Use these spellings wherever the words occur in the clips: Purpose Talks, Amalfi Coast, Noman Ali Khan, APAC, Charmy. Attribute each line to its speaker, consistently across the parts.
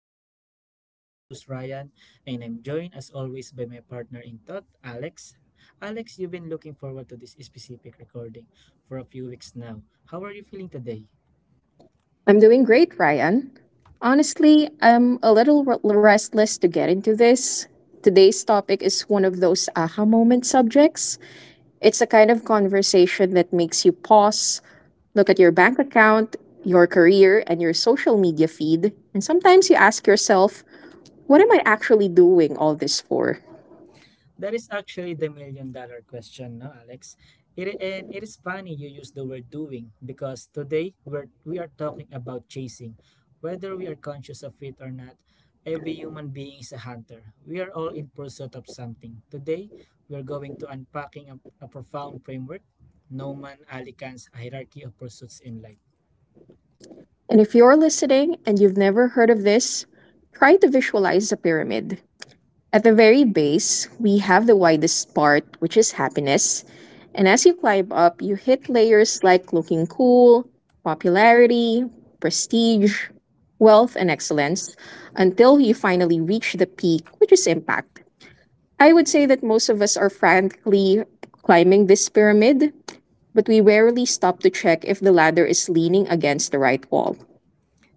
Speaker 1: Purpose Talks. I'm your host Ryan and I'm joined as always by my partner in thought, Alex. Alex, you've been looking forward to this specific recording for a few weeks now. How are you feeling today?
Speaker 2: I'm doing great, Ryan. Honestly, I'm a little restless to get into this. Today's topic is one of those aha moment subjects. It's a kind of conversation that makes you pause, look at your bank account, your career, and your social media feed, and sometimes you ask yourself, what am I actually doing all this for?
Speaker 1: That is actually the million dollar question, no, Alex? And it is funny you use the word doing because we are talking about chasing. Whether we are conscious of it or not, every human being is a hunter. We are all in pursuit of something. Today, we are going to unpacking a profound framework, Noman Alicant's hierarchy of pursuits in life.
Speaker 2: And if you're listening and you've never heard of this, try to visualize a pyramid. At the very base, we have the widest part, which is happiness. And as you climb up, you hit layers like looking cool, popularity, prestige, wealth, and excellence until you finally reach the peak, which is impact. I would say that most of us are frantically climbing this pyramid, but we rarely stop to check if the ladder is leaning against the right wall.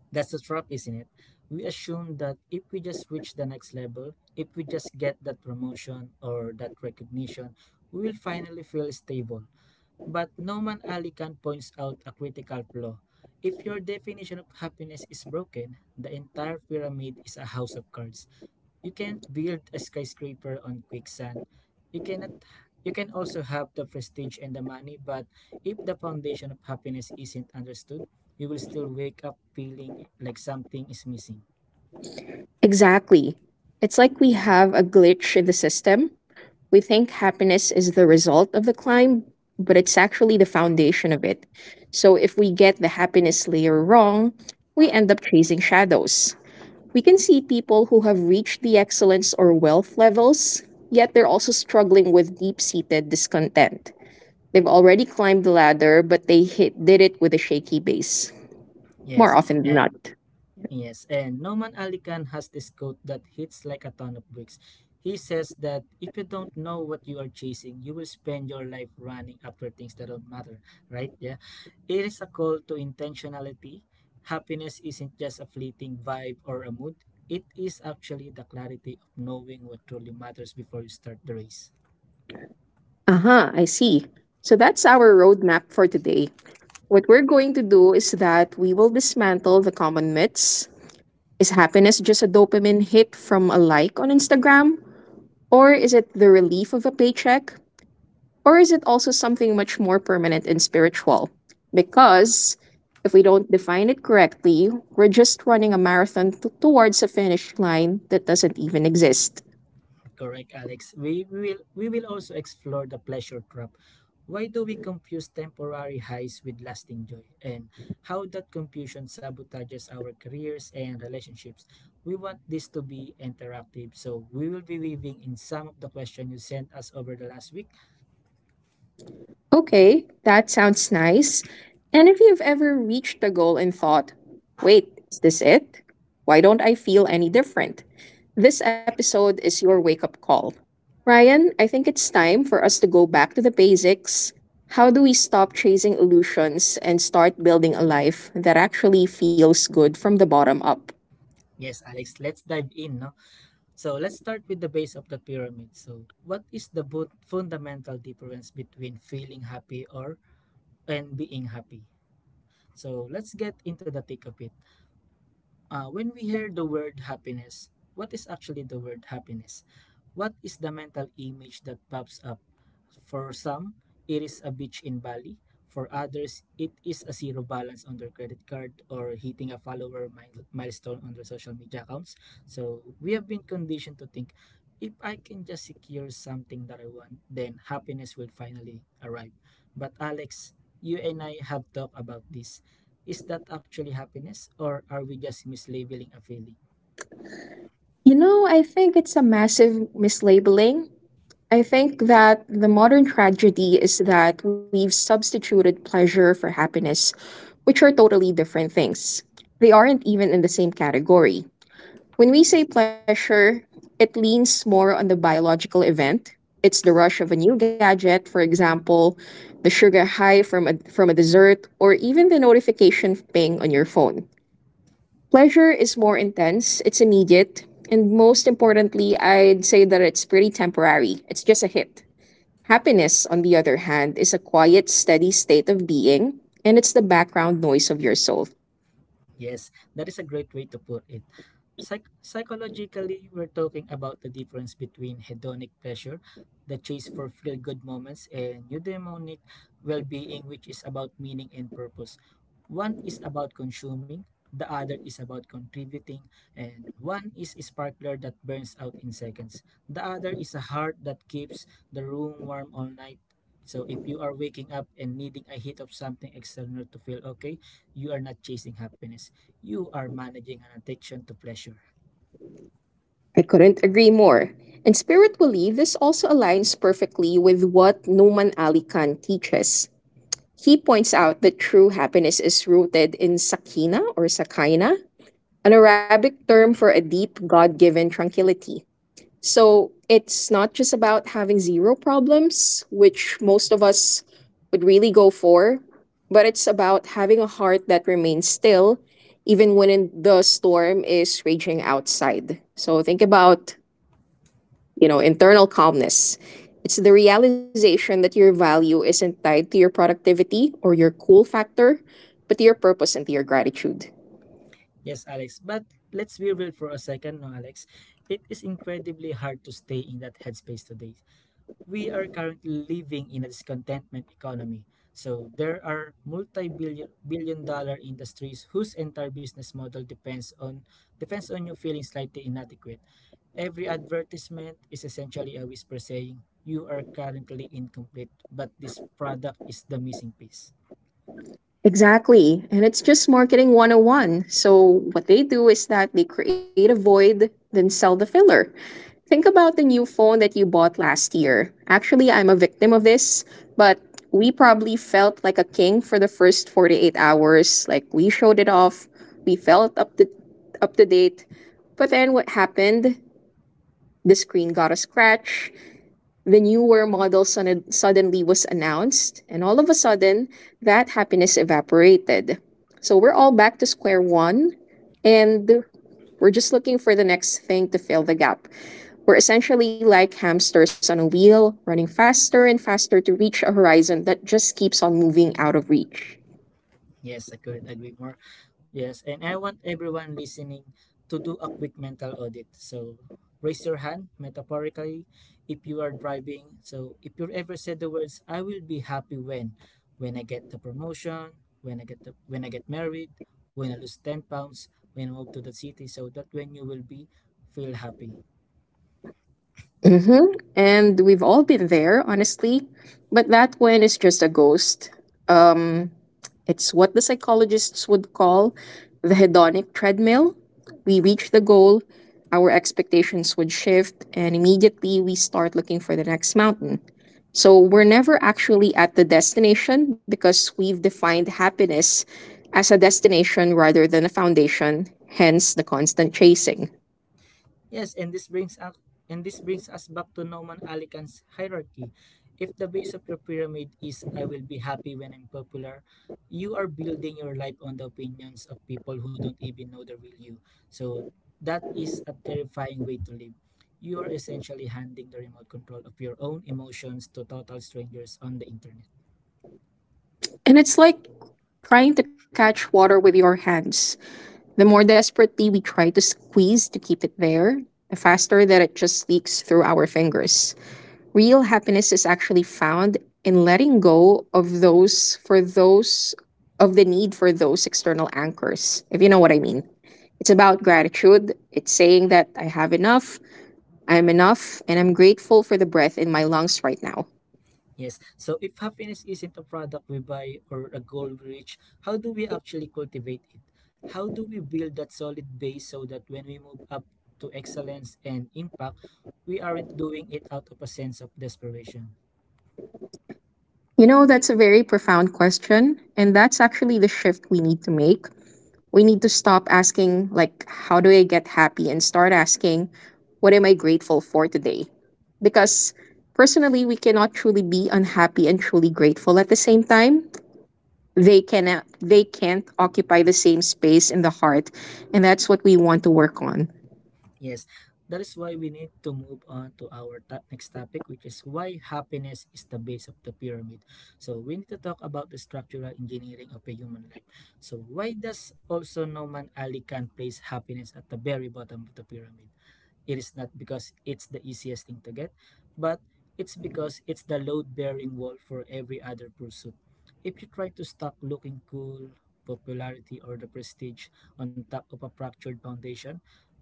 Speaker 1: That's the trap, isn't it? We assume that if we just reach the next level, if we just get that promotion or that recognition, we will finally feel stable. But Noman Alican points out a critical flaw. If your definition of happiness is broken, the entire pyramid is a house of cards. You can't build a skyscraper on quicksand. You cannot You can also have the prestige and the money, but if the foundation of happiness isn't understood, you will still wake up feeling like something is missing.
Speaker 2: Exactly. It's like we have a glitch in the system. We think happiness is the result of the climb, but it's actually the foundation of it. So if we get the happiness layer wrong, we end up chasing shadows. We can see people who have reached the excellence or wealth levels, yet they're also struggling with deep seated discontent. They've already climbed the ladder, but they hit, did it with a shaky base, more
Speaker 1: Yes,
Speaker 2: often than
Speaker 1: eh,
Speaker 2: not.
Speaker 1: Yes, and Noman Ali Khan has this quote that hits like a ton of bricks. He says that if you don't know what you are chasing, you will spend your life running after things that don't matter, right? Yeah. It is a call to intentionality. Happiness isn't just a fleeting vibe or a mood, it is actually the clarity of knowing what truly matters before you start the race.
Speaker 2: Aha, I see. So that's our roadmap for today. What we're going to do is that we will dismantle the common myths. Is happiness just a dopamine hit from a like on Instagram? Or is it the relief of a paycheck? Or is it also something much more permanent and spiritual? Because if we don't define it correctly, we're just running a marathon towards a finish line that doesn't even exist.
Speaker 1: Correct, Alex. We will also explore the pleasure trap. Why do we confuse temporary highs with lasting joy and how that confusion sabotages our careers and relationships? We want this to be interactive, so we will be weaving in some of the questions you sent us over the last week.
Speaker 2: Okay, that sounds nice. And if you've ever reached a goal and thought, wait, is this it? Why don't I feel any different? This episode is your wake up call. Ryan, I think it's time for us to go back to the basics. How do we stop chasing illusions and start building a life that actually feels good from the bottom up?
Speaker 1: Yes, Alex, let's dive in, no? So let's start with the base of the pyramid. So, what is the fundamental difference between feeling happy or and being happy? So let's get into the thick of it. When we hear the word happiness, what is actually the word happiness? What is the mental image that pops up? For some, it is a beach in Bali. For others, it is a zero balance on their credit card or hitting a follower milestone on their social media accounts. So we have been conditioned to think if I can just secure something that I want, then happiness will finally arrive. But Alex, you and I have talked about this. Is that actually happiness or are we just mislabeling a feeling?
Speaker 2: You know, I think it's a massive mislabeling. I think that the modern tragedy is that we've substituted pleasure for happiness, which are totally different things. They aren't even in the same category. When we say pleasure, it leans more on the biological event. It's the rush of a new gadget, for example, the sugar high from a dessert, or even the notification ping on your phone. Pleasure is more intense, it's immediate, and most importantly, I'd say that it's pretty temporary. It's just a hit. Happiness, on the other hand, is a quiet, steady state of being, and it's the background noise of your soul.
Speaker 1: Yes, that is a great way to put it. Psychologically, we're talking about the difference between hedonic pleasure, the chase for feel good moments, and eudaimonic well being, which is about meaning and purpose. One is about consuming, the other is about contributing, and one is a sparkler that burns out in seconds. The other is a heart that keeps the room warm all night. So, if you are waking up and needing a hit of something external to feel okay, you are not chasing happiness, you are managing an addiction to pleasure.
Speaker 2: I couldn't agree more. And spiritually, this also aligns perfectly with what Noman Ali Khan teaches. He points out that true happiness is rooted in sakina or sakaina, an Arabic term for a deep, God given tranquility. So it's not just about having zero problems, which most of us would really go for, but it's about having a heart that remains still even when in the storm is raging outside. So think about, you know, internal calmness. It's the realization that your value isn't tied to your productivity or your cool factor, but to your purpose and to your gratitude.
Speaker 1: Yes, Alex, but let's be real for a second, no, Alex. It is incredibly hard to stay in that headspace today. We are currently living in a discontentment economy. So there are multi-billion billion dollar industries whose entire business model depends on you feeling slightly inadequate. Every advertisement is essentially a whisper saying you are currently incomplete, but this product is the missing piece.
Speaker 2: Exactly. And it's just marketing 101. So, what they do is that they create a void, then sell the filler. Think about the new phone that you bought last year. Actually, I'm a victim of this, but we probably felt like a king for the first 48 hours. Like, we showed it off, we felt up to date. But then what happened? The screen got a scratch, the newer model suddenly was announced, and all of a sudden, that happiness evaporated. So we're all back to square one, and we're just looking for the next thing to fill the gap. We're essentially like hamsters on a wheel, running faster and faster to reach a horizon that just keeps on moving out of reach.
Speaker 1: Yes, I couldn't agree more. Yes, and I want everyone listening to do a quick mental audit. So raise your hand metaphorically if you are driving. So if you ever said the words, I will be happy when I get the promotion, when I get married, when I lose 10 pounds, when I move to the city, so that when you will be feel happy.
Speaker 2: Hmm And we've all been there, honestly. But that one is just a ghost. Um, it's what the psychologists would call the hedonic treadmill. We reach the goal, our expectations would shift, and immediately we start looking for the next mountain. So we're never actually at the destination because we've defined happiness as a destination rather than a foundation, hence the constant chasing.
Speaker 1: Yes, and this brings up and this brings us back to Norman Alican's hierarchy. If the base of your pyramid is I will be happy when I'm popular, you are building your life on the opinions of people who don't even know the real you. So that is a terrifying way to live. You are essentially handing the remote control of your own emotions to total strangers on the internet.
Speaker 2: And it's like trying to catch water with your hands. The more desperately we try to squeeze to keep it there, the faster that it just leaks through our fingers. Real happiness is actually found in letting go of those for those of the need for those external anchors, if you know what I mean. It's about gratitude. It's saying that I have enough, I'm enough, and I'm grateful for the breath in my lungs right now.
Speaker 1: Yes. So if happiness isn't a product we buy or a goal we reach, how do we actually cultivate it? How do we build that solid base so that when we move up to excellence and impact, we aren't doing it out of a sense of desperation?
Speaker 2: You know, that's a very profound question. And that's actually the shift we need to make. We need to stop asking, like, how do I get happy? And start asking, what am I grateful for today? Because personally, we cannot truly be unhappy and truly grateful at the same time. They can't occupy the same space in the heart, and that's what we want to work on.
Speaker 1: Yes. That is why we need to move on to our next topic, which is why happiness is the base of the pyramid. So we need to talk about the structural engineering of a human life. So why does also Noman Ali Khan place happiness at the very bottom of the pyramid? It is not because it's the easiest thing to get, but it's because it's the load bearing wall for every other pursuit. If you try to stop looking cool, popularity, or the prestige on top of a fractured foundation,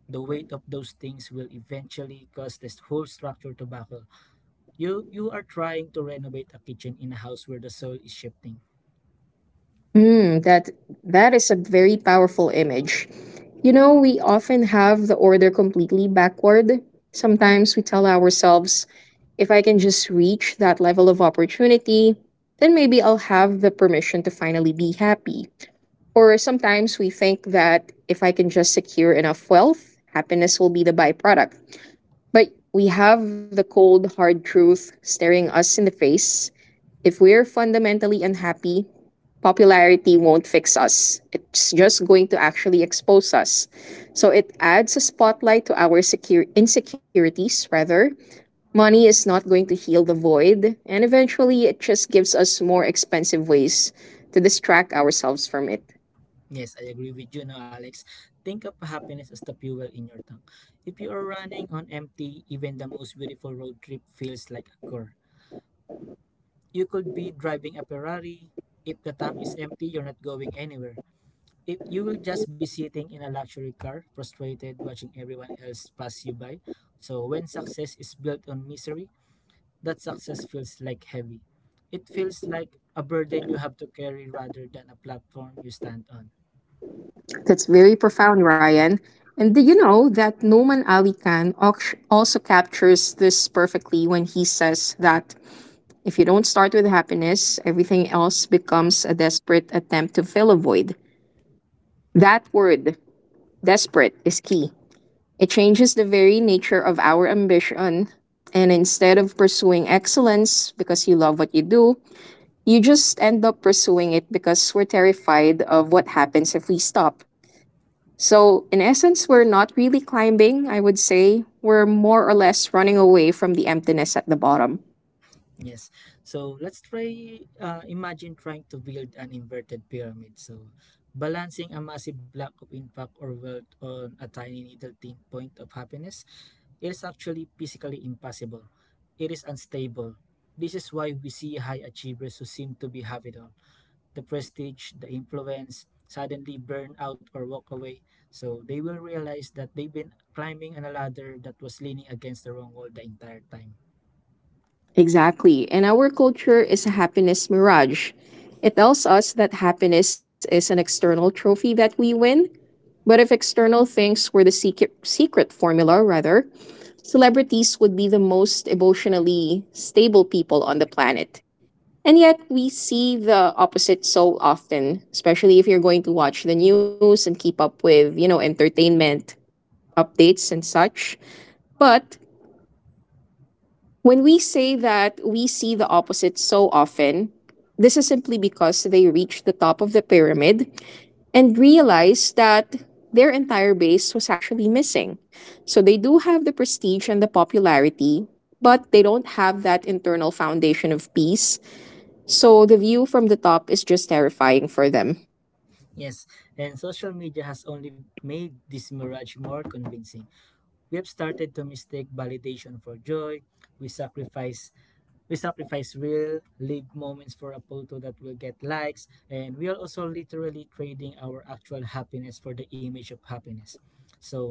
Speaker 1: the weight of those things will eventually cause this whole structure to buckle. You are trying to renovate a kitchen in a house where the soil is shifting.
Speaker 2: Mm, that is a very powerful image. You know, we often have the order completely backward. Sometimes we tell ourselves, if I can just reach that level of opportunity, then maybe I'll have the permission to finally be happy. Or sometimes we think that if I can just secure enough wealth, happiness will be the byproduct. But we have the cold, hard truth staring us in the face. If we're fundamentally unhappy, popularity won't fix us. It's just going to actually expose us. So it adds a spotlight to our secure insecurities rather. Money is not going to heal the void, and eventually it just gives us more expensive ways to distract ourselves from it.
Speaker 1: Yes, I agree with you now, Alex. Think of happiness as the fuel in your tank. If you are running on empty, even the most beautiful road trip feels like a chore. You could be driving a Ferrari. If the tank is empty, you're not going anywhere. If you will just be sitting in a luxury car, frustrated, watching everyone else pass you by. So when success is built on misery, that success feels like heavy. It feels like a burden you have to carry rather than a platform you stand on.
Speaker 2: That's very profound, Ryan. And do you know that Noman Ali Khan also captures this perfectly when he says that if you don't start with happiness, everything else becomes a desperate attempt to fill a void. That word, desperate, is key. It changes the very nature of our ambition. And instead of pursuing excellence because you love what you do, you just end up pursuing it because we're terrified of what happens if we stop. So, in essence, we're not really climbing, I would say. We're more or less running away from the emptiness at the bottom.
Speaker 1: Yes. So let's try imagine trying to build an inverted pyramid. So balancing a massive block of impact or wealth on a tiny little thin point of happiness is actually physically impossible. It is unstable. This is why we see high achievers who seem to be have it all. The prestige, the influence, suddenly burn out or walk away. So they will realize that they've been climbing on a ladder that was leaning against the wrong wall the entire time.
Speaker 2: Exactly. And our culture is a happiness mirage. It tells us that happiness is an external trophy that we win. But if external things were the secret formula, rather, celebrities would be the most emotionally stable people on the planet. And yet, we see the opposite so often, especially if you're going to watch the news and keep up with, you know, entertainment updates and such. But when we say that we see the opposite so often, this is simply because they reached the top of the pyramid and realized that their entire base was actually missing. So they do have the prestige and the popularity, but they don't have that internal foundation of peace. So the view from the top is just terrifying for them.
Speaker 1: Yes, and social media has only made this mirage more convincing. We have started to mistake validation for joy. We sacrifice we sacrifice real live moments for a photo that will get likes and we are also literally trading our actual happiness for the image of happiness. So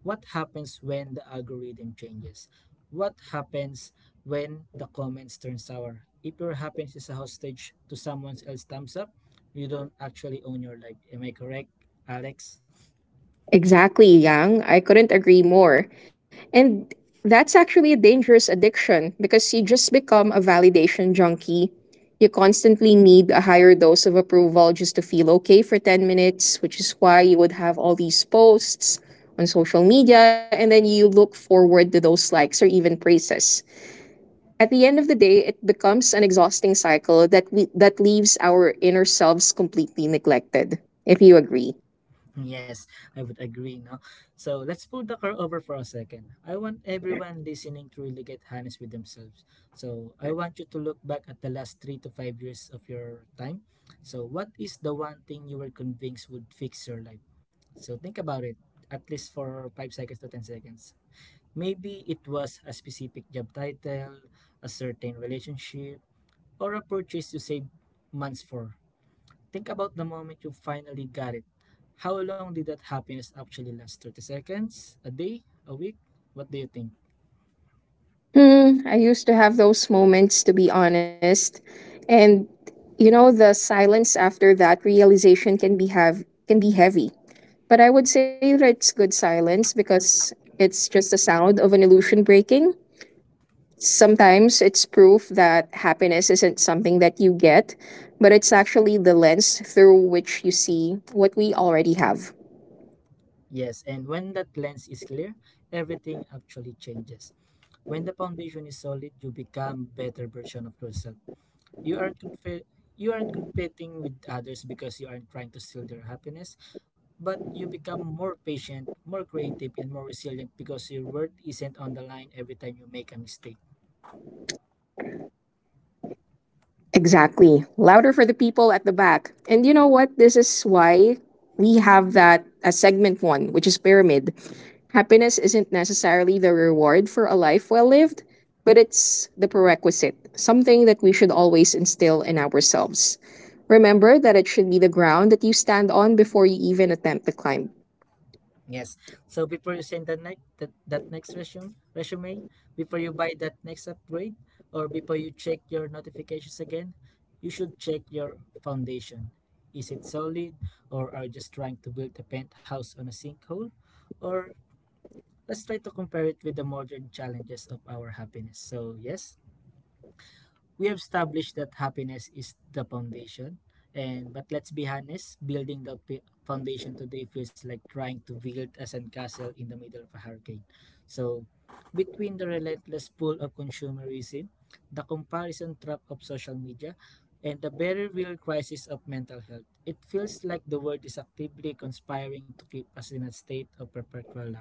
Speaker 1: what happens when the algorithm changes? What happens when the comments turn sour? If your happens is a hostage to someone else's thumbs up, you don't actually own your life. Am I correct, Alex?
Speaker 2: Exactly, Yang. I couldn't agree more. And that's actually a dangerous addiction because you just become a validation junkie. You constantly need a higher dose of approval just to feel okay for 10 minutes, which is why you would have all these posts on social media and then you look forward to those likes or even praises. At the end of the day, it becomes an exhausting cycle that leaves our inner selves completely neglected. If you agree.
Speaker 1: Yes, I would agree, no? So let's pull the car over for a second. I want everyone listening to really get honest with themselves. So I want you to look back at the last 3 to 5 years of your time. So what is the one thing you were convinced would fix your life? So think about it, at least for 5 seconds to 10 seconds. Maybe it was a specific job title, a certain relationship, or a purchase you saved months for. Think about the moment you finally got it. How long did that happiness actually last? 30 seconds? A day? A week? What do you think?
Speaker 2: Hmm, I used to have those moments, to be honest. And you know, the silence after that realization can be heavy. But I would say that it's good silence because it's just the sound of an illusion breaking. Sometimes it's proof that happiness isn't something that you get, but it's actually the lens through which you see what we already have.
Speaker 1: Yes, and when that lens is clear, everything actually changes. When the foundation is solid, you become better version of yourself. You aren't conf- you aren't competing with others because you aren't trying to steal their happiness, but you become more patient, more creative, and more resilient because your worth isn't on the line every time you make a mistake.
Speaker 2: Exactly. Louder for the people at the back. And you know what? This is why we have that as segment one, which is pyramid. Happiness isn't necessarily the reward for a life well lived, but it's the prerequisite, something that we should always instill in ourselves. Remember that it should be the ground that you stand on before you even attempt to climb.
Speaker 1: Yes. So before you send that next resume, before you buy that next upgrade or before you check your notifications again, you should check your foundation. Is it solid or are you just trying to build a penthouse on a sinkhole? Or let's try to compare it with the modern challenges of our happiness. So yes, we have established that happiness is the foundation and but let's be honest, building the foundation today feels like trying to build a sandcastle in the middle of a hurricane, so between the relentless pull of consumerism, the comparison trap of social media, and the very real crisis of mental health, it feels like the world is actively conspiring to keep us in a state of perpetual lack.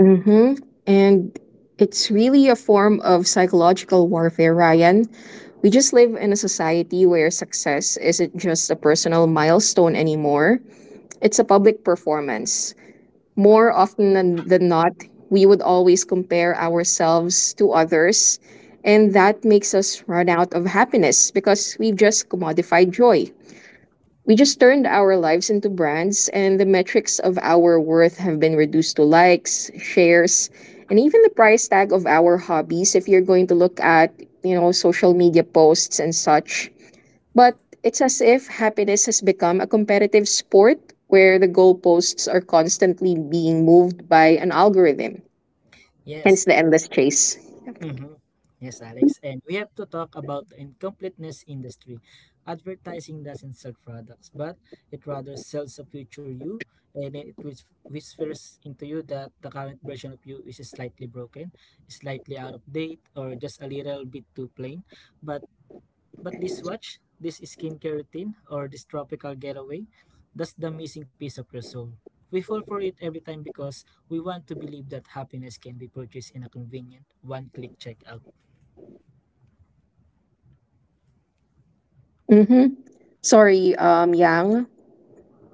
Speaker 2: Hmm And it's really a form of psychological warfare, Ryan. We just live in a society where success isn't just a personal milestone anymore, it's a public performance. More often than not, we would always compare ourselves to others, and that makes us run out of happiness because we've just commodified joy. We just turned our lives into brands, and the metrics of our worth have been reduced to likes, shares, and even the price tag of our hobbies if you're going to look at, social media posts and such. But it's as if happiness has become a competitive sport where the goalposts are constantly being moved by an algorithm.
Speaker 1: Yes.
Speaker 2: Hence the endless chase.
Speaker 1: Mhm. Yes, Alex. And we have to talk about the incompleteness industry. Advertising doesn't sell products, but it rather sells a future you, and then it whispers into you that the current version of you is slightly broken, slightly out of date, or just a little bit too plain. But But this watch, this skincare routine, or this tropical getaway, that's the missing piece of your soul. We fall for it every time because we want to believe that happiness can be purchased in a convenient, one click checkout.
Speaker 2: Mm-hmm. Sorry, Yang.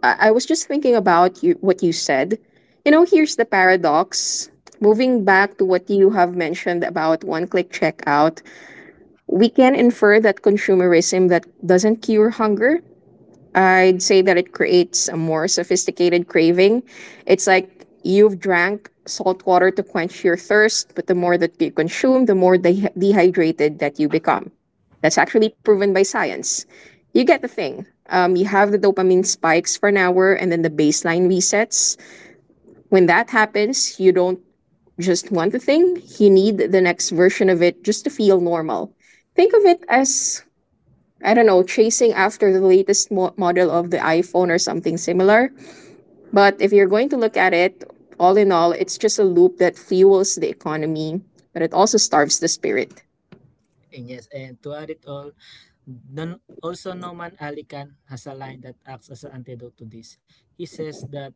Speaker 2: I was just thinking about you, what you said. You know, here's the paradox. Moving back to what you have mentioned about one click checkout, we can infer that consumerism that doesn't cure hunger, I'd say that it creates a more sophisticated craving. It's like you've drank salt water to quench your thirst, but the more that you consume, the more dehydrated that you become. That's actually proven by science. You get the thing. You have the dopamine spikes for an hour, and then the baseline resets. When that happens, you don't just want the thing, you need the next version of it just to feel normal. Think of it as, I don't know, chasing after the latest model of the iPhone or something similar. But if you're going to look at it, all in all, it's just a loop that fuels the economy, but it also starves the spirit.
Speaker 1: And yes, and to add it all, also Noman Ali Khan has a line that acts as an antidote to this. He says that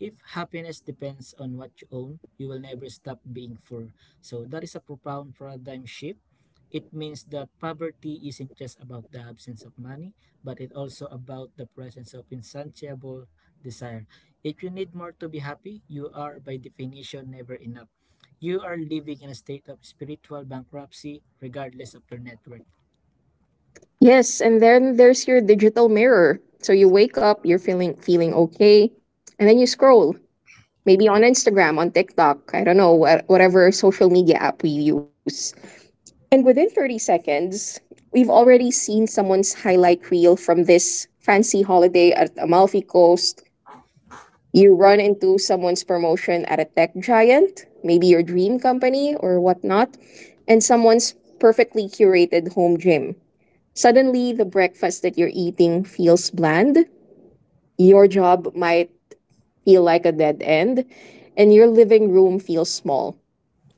Speaker 1: if happiness depends on what you own, you will never stop being poor. So that is a profound paradigm shift. It means that poverty isn't just about the absence of money, but it also about the presence of insatiable desire. If you need more to be happy, you are by definition never enough. You are living in a state of spiritual bankruptcy regardless of your net worth.
Speaker 2: Yes, and then there's your digital mirror. So you wake up, you're feeling okay, and then you scroll, maybe on Instagram, on TikTok, I don't know, whatever social media app we use. And within 30 seconds, we've already seen someone's highlight reel from this fancy holiday at Amalfi Coast. You run into someone's promotion at a tech giant, maybe your dream company or whatnot, and someone's perfectly curated home gym. Suddenly, the breakfast that you're eating feels bland. Your job might feel like a dead end, and your living room feels small.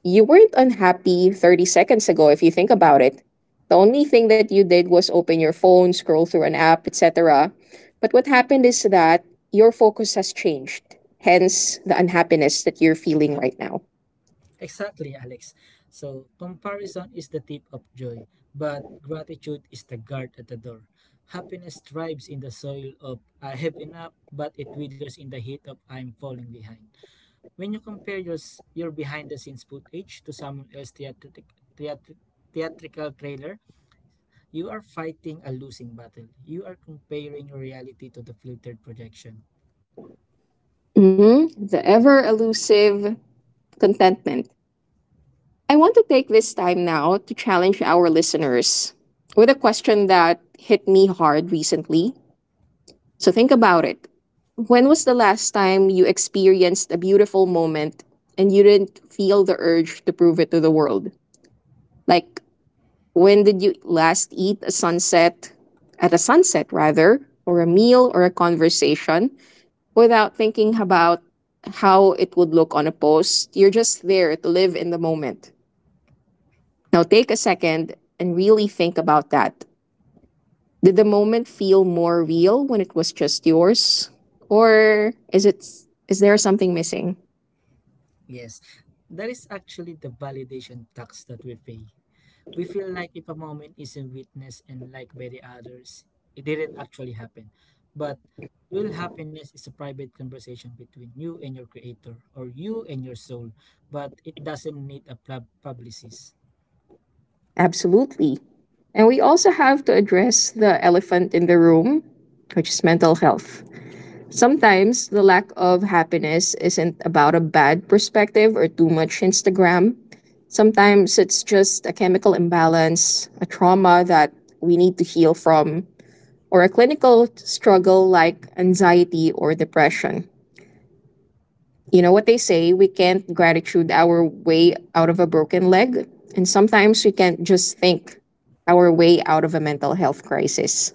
Speaker 2: You weren't unhappy 30 seconds ago if you think about it. The only thing that you did was open your phone, scroll through an app, etc. But what happened is that your focus has changed, hence the unhappiness that you're feeling right now.
Speaker 1: Exactly, Alex. So, comparison is the tip of joy, but gratitude is the guard at the door. Happiness thrives in the soil of I have enough, but it withers in the heat of I'm falling behind. When you compare your behind the scenes footage to someone else's theatric, theatrical trailer, you are fighting a losing battle. You are comparing your reality to the filtered projection.
Speaker 2: Hmm. The ever elusive contentment. I want to take this time now to challenge our listeners with a question that hit me hard recently. So think about it. When was the last time you experienced a beautiful moment and you didn't feel the urge to prove it to the world? Like, when did you last eat a sunset, at a sunset rather, or a meal or a conversation without thinking about how it would look on a post? You're just there to live in the moment. Now take a second and really think about that. Did the moment feel more real when it was just yours? Or is it, is there something missing?
Speaker 1: Yes, that is actually the validation tax that we pay. We feel like if a moment isn't witnessed and liked by the others, it didn't actually happen. But real happiness is a private conversation between you and your creator or you and your soul, but it doesn't need a publicist.
Speaker 2: Absolutely. And we also have to address the elephant in the room, which is mental health. Sometimes the lack of happiness isn't about a bad perspective or too much Instagram. Sometimes it's just a chemical imbalance, a trauma that we need to heal from, or a clinical struggle like anxiety or depression. You know what they say, we can't gratitude our way out of a broken leg, and sometimes we can't just think our way out of a mental health crisis.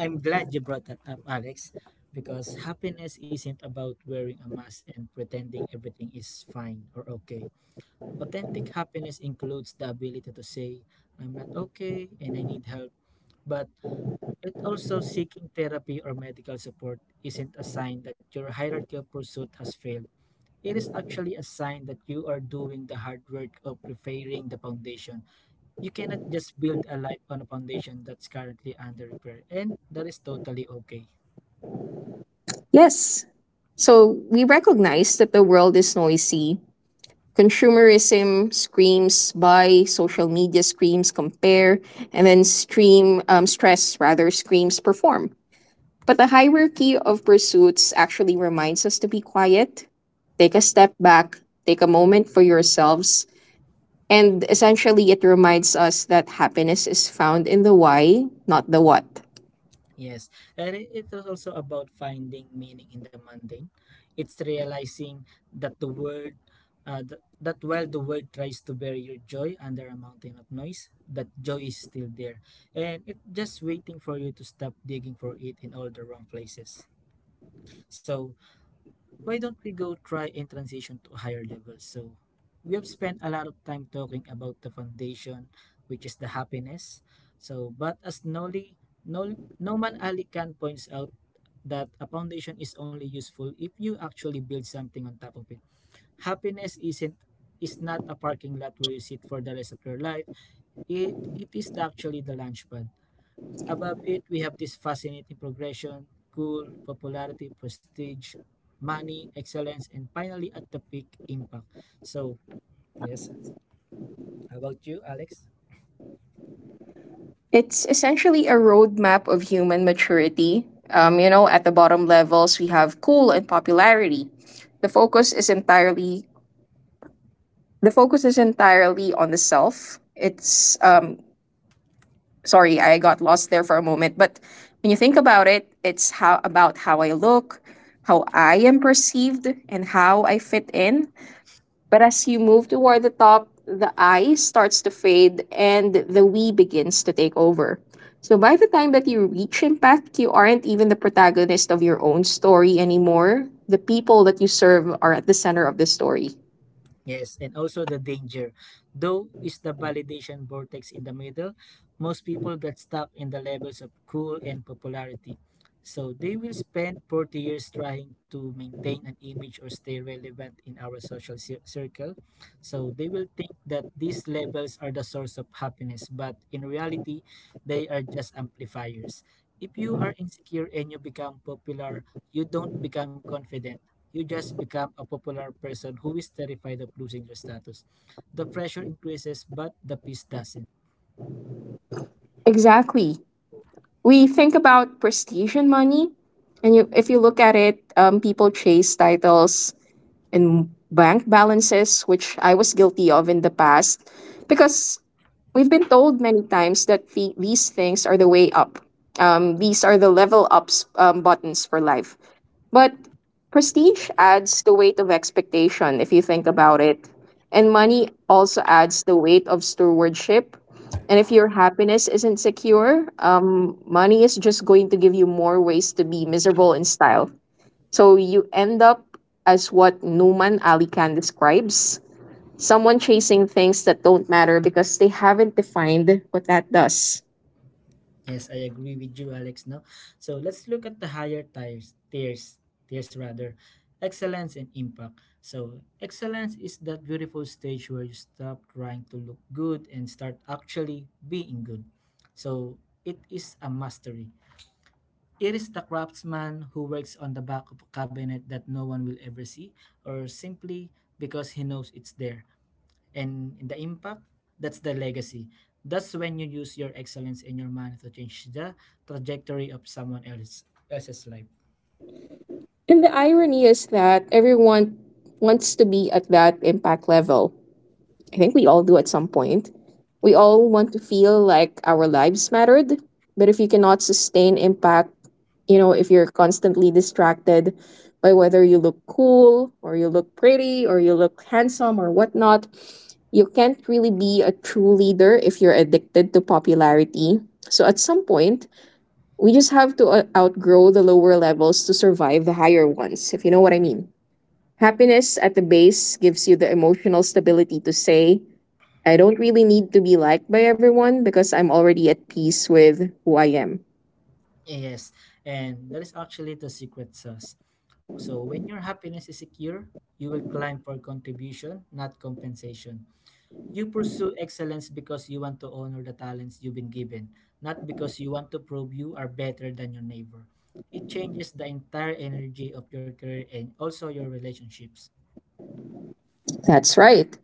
Speaker 1: I'm glad you brought that up, Alex, because happiness isn't about wearing a mask and pretending everything is fine or okay. Authentic happiness includes the ability to say, I'm not okay and I need help, but it also seeking therapy or medical support isn't a sign that your hierarchical pursuit has failed. It is actually a sign that you are doing the hard work of repairing the foundation. You cannot just build a life on a foundation that's currently under repair, and that is totally okay.
Speaker 2: Yes. So we recognize that the world is noisy. Consumerism screams buy, social media screams compare, and then stream stress rather screams perform. But the hierarchy of pursuits actually reminds us to be quiet, take a step back, take a moment for yourselves. And essentially, it reminds us that happiness is found in the why, not the what.
Speaker 1: Yes, and it was also about finding meaning in the mundane. It's realizing that that while the world tries to bury your joy under a mountain of noise, that joy is still there, and it just waiting for you to stop digging for it in all the wrong places. So why don't we go try and transition to higher levels? So we have spent a lot of time talking about the foundation, which is the happiness. So, but as Nol, Noman Ali Khan points out, that a foundation is only useful if you actually build something on top of it. Happiness isn't is not a parking lot where you sit for the rest of your life. It is actually the launch pad. Above it, we have this fascinating progression cool, popularity, prestige, money, excellence, and finally at the peak impact. So, yes, how about you, Alex?
Speaker 2: It's essentially a roadmap of human maturity. You know, at the bottom levels, we have cool and popularity. The focus is entirely the focus is entirely on the self. It's sorry, I got lost there for a moment, but when you think about it, it's how about how I look, how I am perceived, and how I fit in. But as you move toward the top, the I starts to fade and the we begins to take over. So by the time that you reach impact, you aren't even the protagonist of your own story anymore. The people that you serve are at the center of the story.
Speaker 1: Yes, and also the danger. Though is the validation vortex in the middle, most people get stuck in the levels of cool and popularity. So they will spend 40 years trying to maintain an image or stay relevant in our social circle. So they will think that these levels are the source of happiness, but in reality, they are just amplifiers. If you are insecure and you become popular, you don't become confident. You just become a popular person who is terrified of losing your status. The pressure increases, but the peace doesn't.
Speaker 2: Exactly. We think about prestige and money, and you, if you look at it, people chase titles, and bank balances, which I was guilty of in the past, because we've been told many times that these things are the way up. These are the level ups buttons for life. But prestige adds the weight of expectation, if you think about it. And money also adds the weight of stewardship. And if your happiness isn't secure, money is just going to give you more ways to be miserable in style. So you end up as what Numan Ali Khan describes, someone chasing things that don't matter because they haven't defined what that does.
Speaker 1: Yes, I agree with you, Alex. No, so let's look at the higher tiers rather, excellence and impact. So excellence is that beautiful stage where you stop trying to look good and start actually being good. So it is a mastery. It is the craftsman who works on the back of a cabinet that no one will ever see, or simply because he knows it's there. And in the impact, that's the legacy. That's when you use your excellence and your money to change the trajectory of else's life.
Speaker 2: And the irony is that everyone wants to be at that impact level. I think we all do at some point. We all want to feel like our lives mattered, but if you cannot sustain impact, you know, if you're constantly distracted by whether you look cool or you look pretty or you look handsome or whatnot, you can't really be a true leader if you're addicted to popularity. So at some point, we just have to outgrow the lower levels to survive the higher ones, if you know what I mean. Happiness at the base gives you the emotional stability to say, I don't really need to be liked by everyone because I'm already at peace with who I am.
Speaker 1: Yes, and that is actually the secret sauce. So when your happiness is secure, you will climb for contribution, not compensation. You pursue excellence because you want to honor the talents you've been given, not because you want to prove you are better than your neighbor. It changes the entire energy of your career and also your relationships.
Speaker 2: That's right.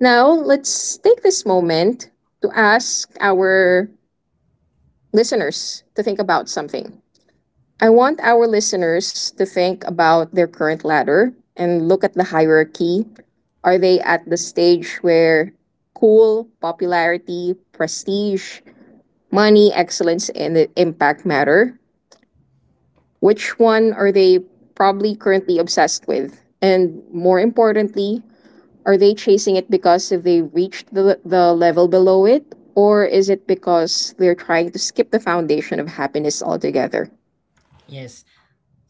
Speaker 2: Now, let's take this moment to ask our listeners to think about something. I want our listeners to think about their current ladder and look at the hierarchy. Are they at the stage where cool, popularity, prestige, money, excellence, and the impact matter? Which one are they probably currently obsessed with? And more importantly, are they chasing it because they reached the level below it? Or is it because they're trying to skip the foundation of happiness altogether?
Speaker 1: Yes.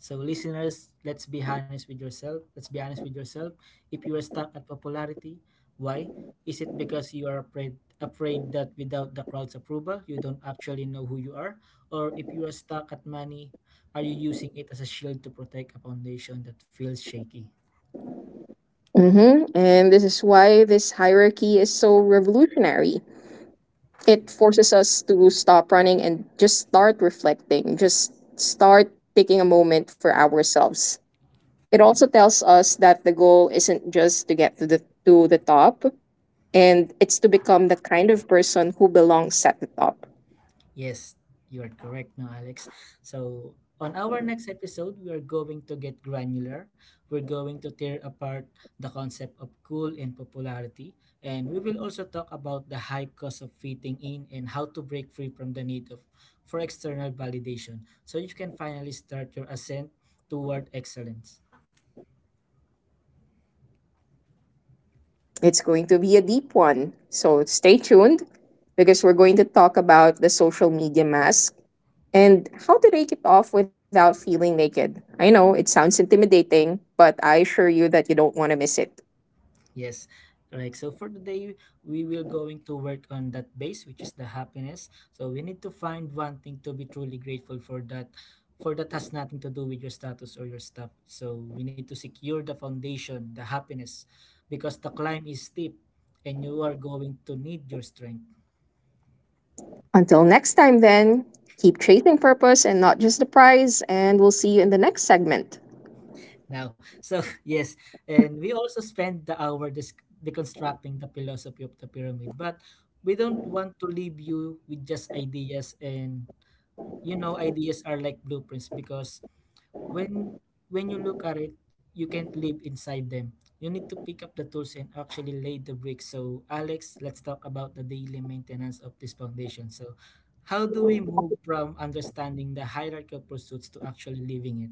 Speaker 1: So listeners, let's be honest with yourself. Let's be honest with yourself. If you are stuck at popularity, why? Is it because you are afraid that without the crowd's approval, you don't actually know who you are? Or if you are stuck at money, are you using it as a shield to protect a foundation that feels shaky?
Speaker 2: Hmm. And this is why this hierarchy is so revolutionary. It forces us to stop running and just start reflecting, just start taking a moment for ourselves. It also tells us that the goal isn't just to get to the top, and it's to become the kind of person who belongs at the top.
Speaker 1: Yes, you are correct, no, Alex. So, on our next episode, we are going to get granular. We're going to tear apart the concept of cool and popularity. And we will also talk about the high cost of fitting in and how to break free from the need of for external validation so you can finally start your ascent toward excellence.
Speaker 2: It's going to be a deep one. So stay tuned because we're going to talk about the social media mask and how do they keep off without feeling naked? I know it sounds intimidating, but I assure you that you don't want to miss it.
Speaker 1: Yes, correct. So for today, we will going to work on that base, which is the happiness. So we need to find one thing to be truly grateful for that has nothing to do with your status or your stuff. So we need to secure the foundation, the happiness, because the climb is steep, and you are going to need your strength
Speaker 2: Until next time, then, keep chasing purpose and not just the prize, and we'll see you in the next segment.
Speaker 1: now. So yes, and we also spend the hour deconstructing the philosophy of the pyramid, but we don't want to leave you with just ideas and you know ideas are like blueprints because when when you look at it you can't live inside them. You need to pick up the tools and actually lay the bricks. So Alex, let's talk about the daily maintenance of this foundation. So how do we move from understanding the hierarchical pursuits to actually living it?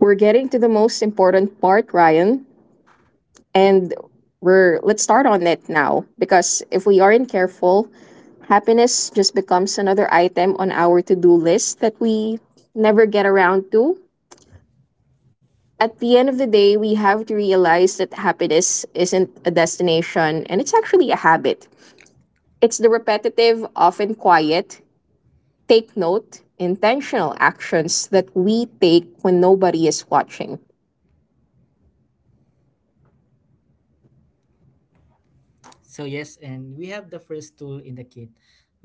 Speaker 2: We're getting to the most important part, Ryan, and we're let's start on it now because if we aren't careful, happiness just becomes another item on our to-do list that we never get around to. At the end of the day, we have to realize that happiness isn't a destination and it's actually a habit. It's the repetitive, often quiet, take note, intentional actions that we take when nobody is watching.
Speaker 1: So yes, and we have the first tool in the kit,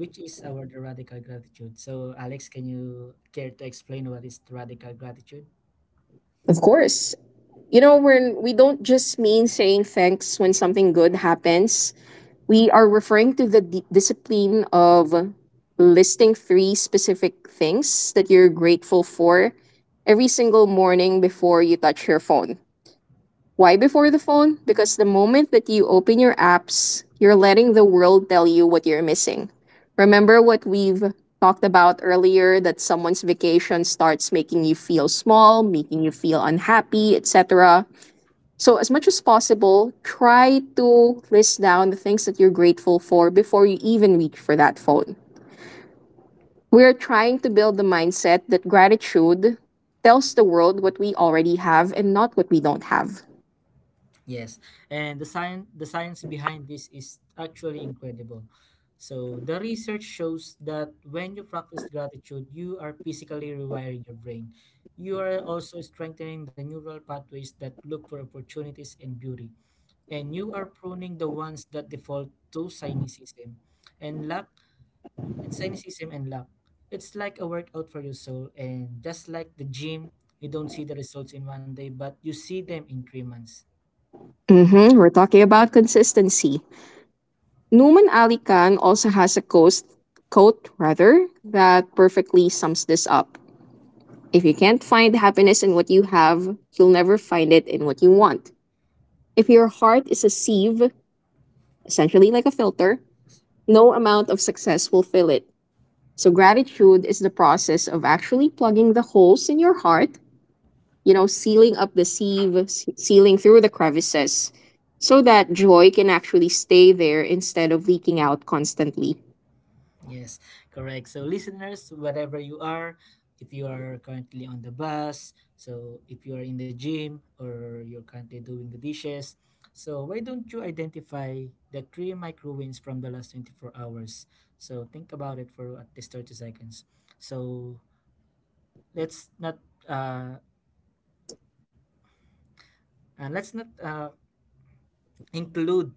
Speaker 1: which is our the radical gratitude. So Alex, can you care to explain what is the radical gratitude?
Speaker 2: Of course, you know, when we don't just mean saying thanks when something good happens, we are referring to the discipline of listing three specific things that you're grateful for every single morning before you touch your phone. Why before the phone? Because the moment that you open your apps, you're letting the world tell you what you're missing. Remember what we've talked about earlier that someone's vacation starts making you feel small, making you feel unhappy, etc. So, as much as possible, try to list down the things that you're grateful for before you even reach for that phone. We are trying to build the mindset that gratitude tells the world what we already have and not what we don't have.
Speaker 1: Yes, and the science behind this is actually incredible. So the research shows that when you practice gratitude, you are physically rewiring your brain. You are also strengthening the neural pathways that look for opportunities and beauty, and you are pruning the ones that default to and lack cynicism and lack. It's like a workout for your soul, and just like the gym, you don't see the results in one day, but you see them in 3 months.
Speaker 2: Hmm. We're talking about consistency. Numan Ali Khan also has a quote rather, that perfectly sums this up. If you can't find happiness in what you have, you'll never find it in what you want. If your heart is a sieve, essentially like a filter, no amount of success will fill it. So, gratitude is the process of actually plugging the holes in your heart, you know, sealing up the sieve, sealing through the crevices, so that joy can actually stay there instead of leaking out constantly.
Speaker 1: Yes, correct. So, listeners, wherever you are, if you are currently on the bus, so if you are in the gym or you're currently doing the dishes, so why don't you identify the three micro wins from the last 24 hours? So, think about it for at least 30 seconds. So, let's not uh, let's not include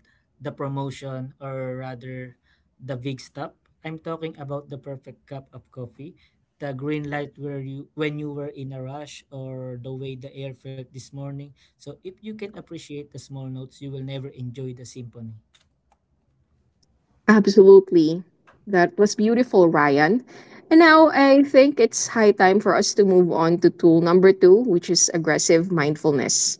Speaker 1: the promotion or rather the big stop. I'm talking about the perfect cup of coffee, the green light where you when you were in a rush or the way the air felt this morning. So if you can appreciate the small notes, you will never enjoy the symphony.
Speaker 2: Absolutely. That was beautiful, Ryan. And now I think it's high time for us to move on to tool number two, which is aggressive mindfulness.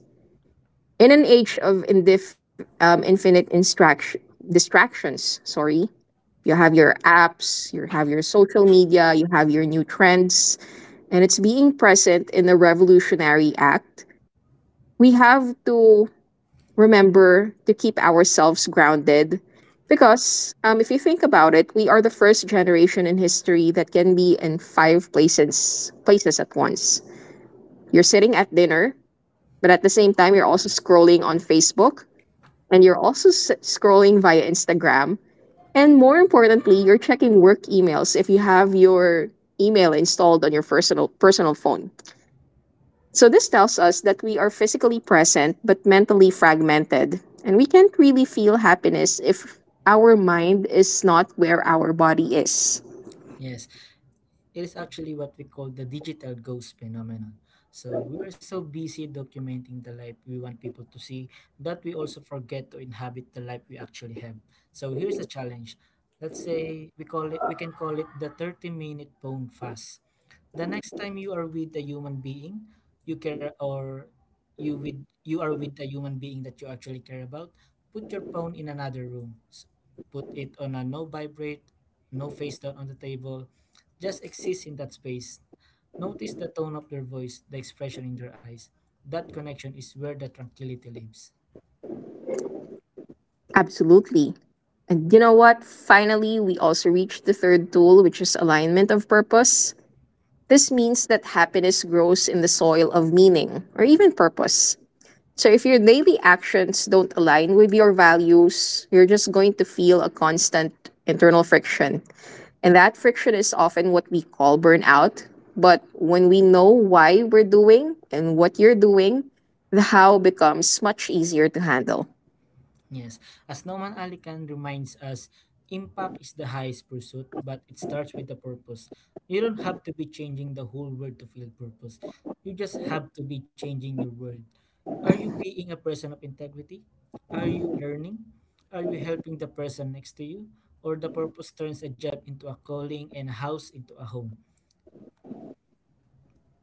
Speaker 2: In an age of infinite distractions, sorry, you have your apps, you have your social media, you have your new trends, and it's being present in a revolutionary act. We have to remember to keep ourselves grounded because if you think about it, we are the first generation in history that can be in five places at once. You're sitting at dinner, but at the same time you're also scrolling on Facebook and you're also scrolling via Instagram. And more importantly, you're checking work emails if you have your email installed on your personal phone. So, this tells us that we are physically present but mentally fragmented, and we can't really feel happiness if our mind is not where our body is.
Speaker 1: Yes, it is actually what we call the digital ghost phenomenon. So we are so busy documenting the life we want people to see that we also forget to inhabit the life we actually have. So here's a challenge. Let's say we call it we can call it the 30-minute bone fast. The next time you are with a human being you care or you with you are with a human being that you actually care about, put your phone in another room. Put it on a no vibrate, no face down on the table. Just exist in that space, notice the tone of their voice, the expression in their eyes. That connection is where the tranquility lives.
Speaker 2: Absolutely. And you know what? Finally, we also reach the third tool, which is alignment of purpose. This means that happiness grows in the soil of meaning or even purpose. So, if your daily actions don't align with your values, you're just going to feel a constant internal friction. And that friction is often what we call burnout. But when we know why we're doing and what you're doing, the how becomes much easier to handle.
Speaker 1: Yes, as Norman Alican reminds us, impact is the highest pursuit, but it starts with a purpose. You don't have to be changing the whole world to feel purpose. You just have to be changing your world. Are you being a person of integrity? Are you learning? Are you helping the person next to you? Or the purpose turns a job into a calling and a house into a home.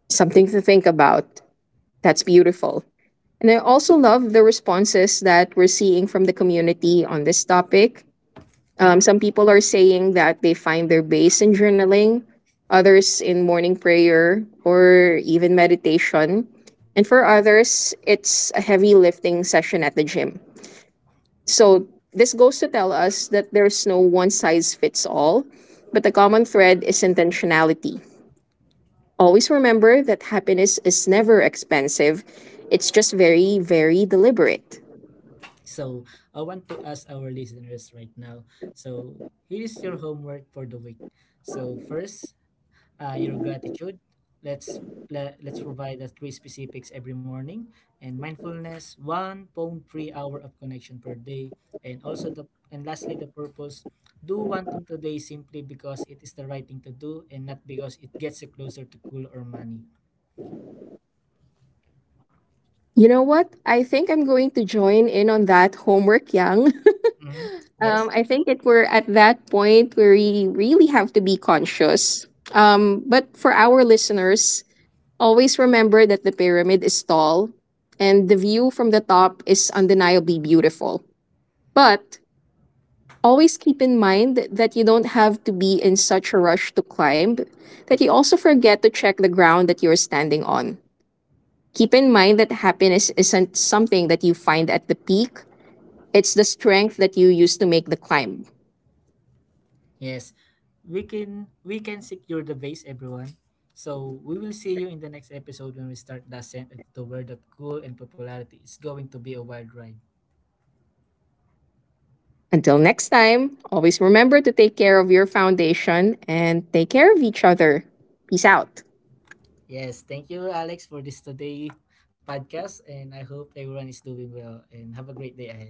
Speaker 2: Something to think about. That's beautiful. And I also love the responses that we're seeing from the community on this topic. Some people are saying that they find their base in journaling, others in morning prayer or even meditation. And for others, it's a heavy lifting session at the gym. So this goes to tell us that there's no one size fits all, but the common thread is intentionality. Always remember that happiness is never expensive, it's just very, very deliberate.
Speaker 1: So I want to ask our listeners right now. So here is your homework for the week. So first, your gratitude. Let's let's provide us three specifics every morning, and mindfulness, 1.3 hour of connection per day, and also the and lastly the purpose. Do one thing today simply because it is the right thing to do and not because it gets you closer to goal or money.
Speaker 2: You know what? I think I'm going to join in on that homework, Yang.
Speaker 1: Mhm. Yes,
Speaker 2: I think it we're at that point where we really have to be conscious. But for our listeners, always remember that the pyramid is tall and the view from the top is undeniably beautiful. But always keep in mind that you don't have to be in such a rush to climb that you also forget to check the ground that you're standing on. Keep in mind that happiness isn't something that you find at the peak, it's the strength that you use to make the climb.
Speaker 1: yes. We can secure the base, everyone. So we will see you in the next episode when we start Descent into the world of cool and popularity. It's going to be a wild ride.
Speaker 2: Until next time, always remember to take care of your foundation and take care of each other. Peace out.
Speaker 1: Yes, thank you, Alex, for this today podcast, and I hope everyone is doing well and have a great day ahead.